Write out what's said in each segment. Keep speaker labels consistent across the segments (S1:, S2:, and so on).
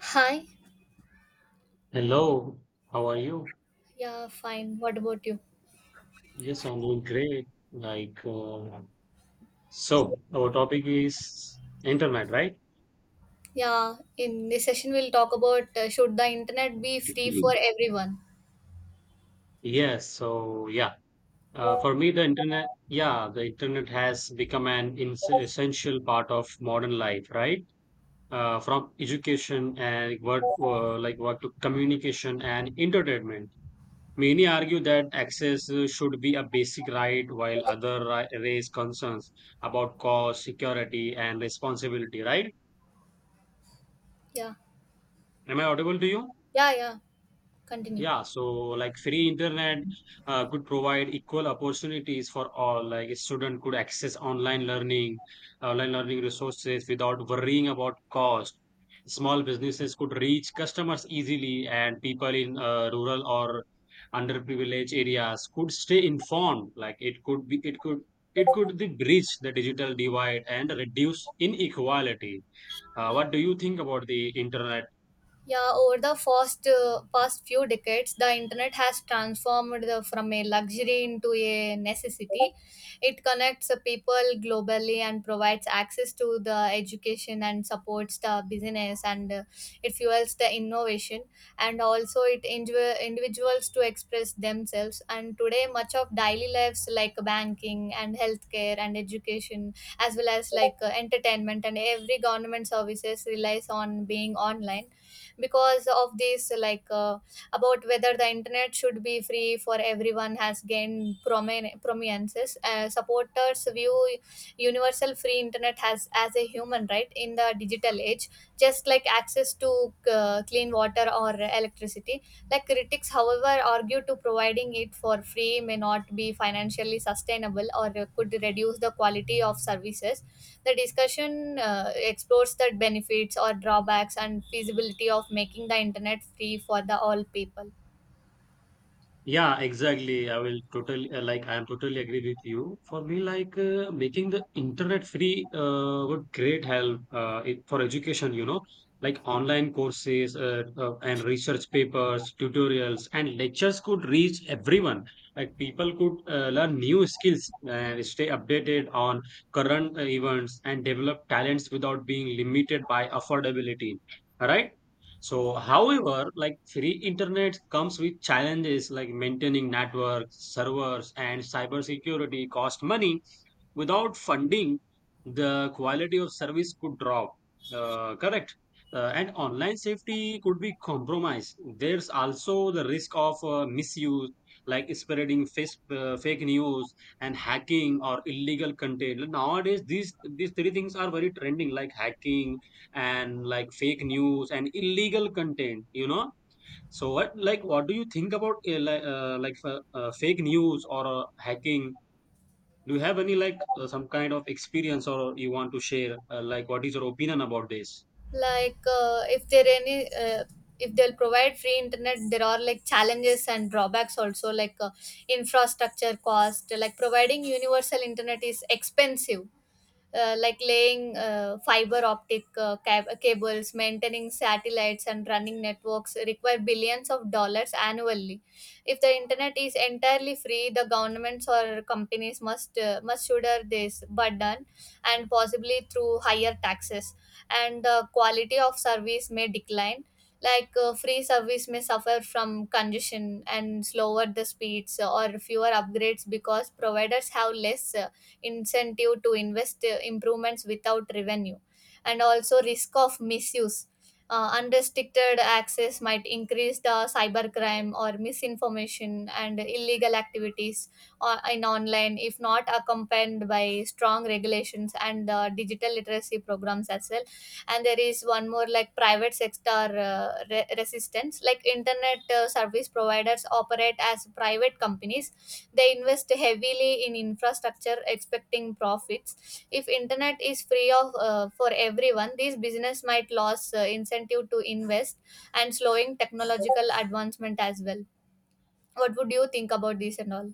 S1: Hi.
S2: Hello, how are you?
S1: Yeah, fine. What about you?
S2: Yes, I'm doing great. Like, uh, so our topic is internet, right?
S1: Yeah, in this session we'll talk about, should the internet be free for
S2: Mhm.
S1: everyone?
S2: Yes, so yeah, for me, the internet, yeah, the internet has become an ins essential part of modern life, right? From education and work, like work to communication and entertainment. Many argue that access should be a basic right, while others raise concerns about cost, security, and responsibility, right?
S1: Yeah.
S2: Am I audible to you?
S1: Yeah, yeah. Continue.
S2: Yeah, so like free internet could provide equal opportunities for all. Like a student could access online learning resources without worrying about cost. Small businesses could reach customers easily, and people in rural or underprivileged areas could stay informed. Like it could be bridge the digital divide and reduce inequality. What do you think about the internet?
S1: Yeah, over the first past few decades, the internet has transformed from a luxury into a necessity. It connects people globally and provides access to the education and supports the business and it fuels the innovation, and also it individuals to express themselves. And today, much of daily lives like banking and healthcare and education, as well as like entertainment and every government services relies on being online because of this about whether the internet should be free for everyone has gained prominence. Uh, supporters view universal free internet has as a human right in the digital age, just like access to clean water or electricity. Like critics however argue to providing it for free may not be financially sustainable or could reduce the quality of services. The discussion explores the benefits or drawbacks and feasibility of making the internet free for the all people.
S2: Yeah, exactly. I will totally like I am totally agree with you. For me, making the internet free would great help it, for education. You know, like online courses and research papers, tutorials, and lectures could reach everyone. Like people could learn new skills and stay updated on current events and develop talents without being limited by affordability. Right? So, however, like free internet comes with challenges like maintaining networks, servers, and cybersecurity cost money. Without funding, the quality of service could drop. Correct. And online safety could be compromised. There's also the risk of misuse, like spreading fake news and hacking or illegal content. Nowadays, these three things are very trending, like hacking, and like fake news and illegal content, you know. So what, what do you think about fake news or hacking? Do you have any like some kind of experience, or you want to share like what is your opinion about this?
S1: If there any, uh, if they'll provide free internet, there are like challenges and drawbacks also infrastructure cost. Like providing universal internet is expensive, like laying fiber optic cables, maintaining satellites, and running networks require billions of dollars annually. If the internet is entirely free, the governments or companies must shoulder this burden, and possibly through higher taxes. And the quality of service may decline. Free service may suffer from congestion and slower the speeds or fewer upgrades because providers have less incentive to invest improvements without revenue, and also risk of misuse. Uh, unrestricted access might increase the cybercrime or misinformation and illegal activities, in online if not accompanied by strong regulations and digital literacy programs as well. And there is one more, like private sector resistance. Like internet service providers operate as private companies. They invest heavily in infrastructure expecting profits. If internet is free of for everyone, these business might lose incentive to invest and slowing technological advancement as well. What would you think about this and all?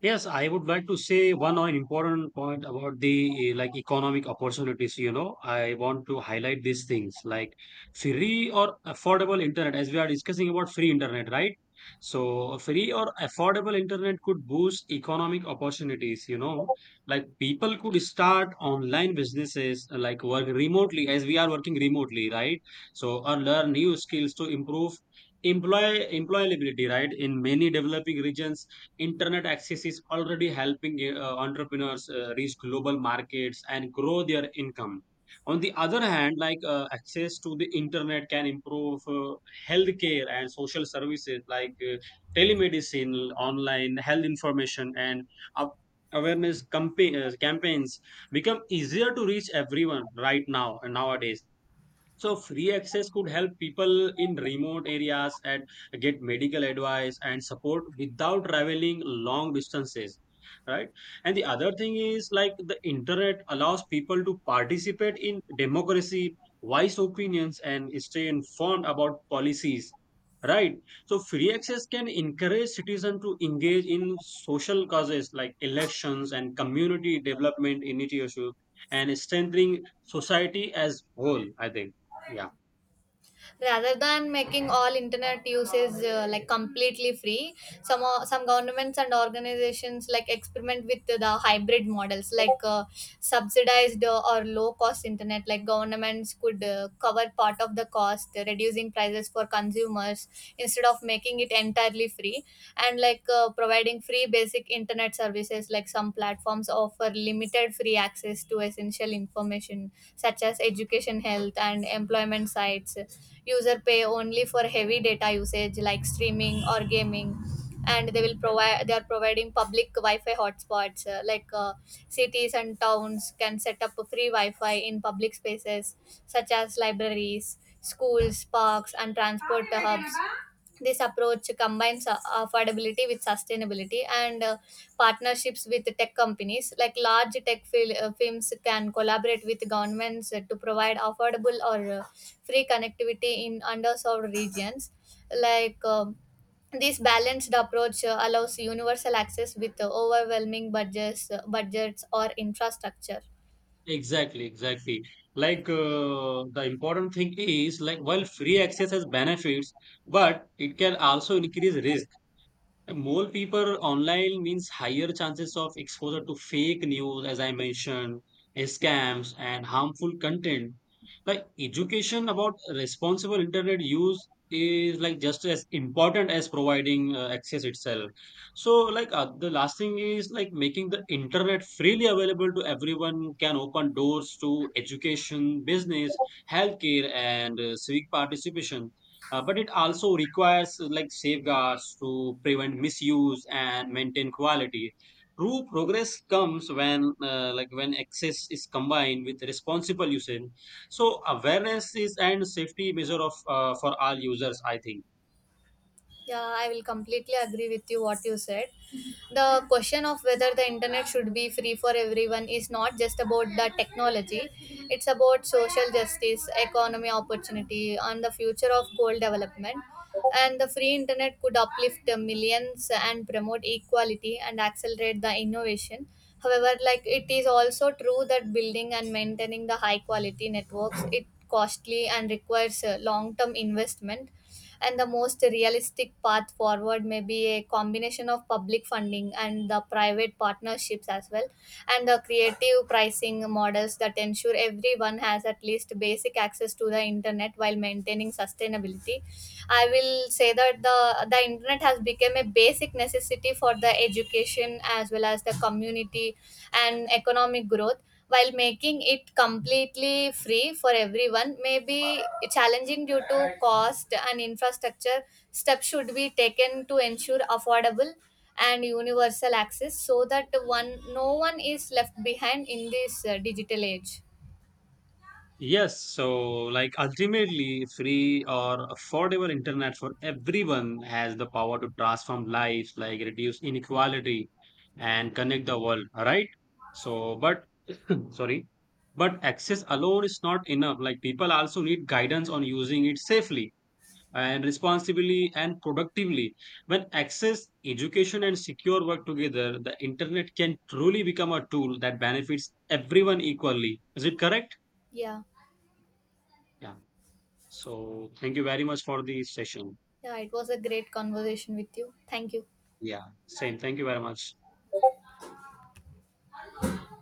S2: Yes, I would like to say one or important point about the like economic opportunities. You know, I want to highlight these things like free or affordable internet, as we are discussing about free internet, right? So free or affordable internet could boost economic opportunities. You know, like people could start online businesses, like work remotely, as we are working remotely, right? So or learn new skills to improve employability, right? In many developing regions internet access is already helping entrepreneurs reach global markets and grow their income. On the other hand, like access to the internet can improve healthcare and social services, like telemedicine, online health information, and up- awareness campaigns become easier to reach everyone right now, nowadays. So free access could help people in remote areas and get medical advice and support without traveling long distances, right? And the other thing is, like, the internet allows people to participate in democracy, voice opinions, and stay informed about policies, right? So free access can encourage citizens to engage in social causes like elections and community development initiatives, and strengthening society as whole, I think. Yeah,
S1: Rather than making all internet uses like completely free, some governments and organizations like experiment with the hybrid models, subsidized or low cost internet. Like governments could cover part of the cost, reducing prices for consumers instead of making it entirely free. And providing free basic internet services, like some platforms offer limited free access to essential information such as education, health, and employment sites. User pay only for heavy data usage like streaming or gaming. And they will provide they are providing public wi-fi hotspots, cities and towns can set up a free wi-fi in public spaces such as libraries, schools, parks, and transport hubs. This approach combines affordability with sustainability, and partnerships with tech companies. Like large tech firms can collaborate with governments to provide affordable or free connectivity in underserved regions. Like um, this balanced approach allows universal access with budgets or infrastructure.
S2: exactly, exactly. Like the important thing is, like, while free access has benefits, but it can also increase risk. More people online means higher chances of exposure to fake news, as I mentioned, scams, and harmful content. Like education about responsible internet use is like just as important as providing access itself. So, the last thing is like making the internet freely available to everyone can open doors to education, business, healthcare, and civic participation. But it also requires like safeguards to prevent misuse and maintain quality. True progress comes when like when access is combined with responsible usage. So awareness is and safety measure of for all users, I think.
S1: Yeah, I will completely agree with you what you said. The question of whether the internet should be free for everyone is not just about the technology. It's about social justice, economy opportunity, and the future of goal development. And the free internet could uplift the millions and promote equality and accelerate the innovation. However, like it is also true that building and maintaining the high quality networks it costly and requires long term investment, and the most realistic path forward may be a combination of public funding and the private partnerships as well, and the creative pricing models that ensure everyone has at least basic access to the internet while maintaining sustainability. I will say that the internet has become a basic necessity for the education as well as the community and economic growth. While making it completely free for everyone may be challenging due to cost and infrastructure, steps should be taken to ensure affordable and universal access so that one no one is left behind in this digital age.
S2: Yes, so like ultimately, free or affordable internet for everyone has the power to transform lives, like reduce inequality and connect the world, right? So, but sorry, but access alone is not enough. Like people also need guidance on using it safely and responsibly and productively. When access, education, and secure work together, the internet can truly become a tool that benefits everyone equally. Is it correct?
S1: Yeah.
S2: Yeah. So thank you very much for the session.
S1: Yeah, it was a great conversation with you. Thank you.
S2: Yeah, same. Thank you very much.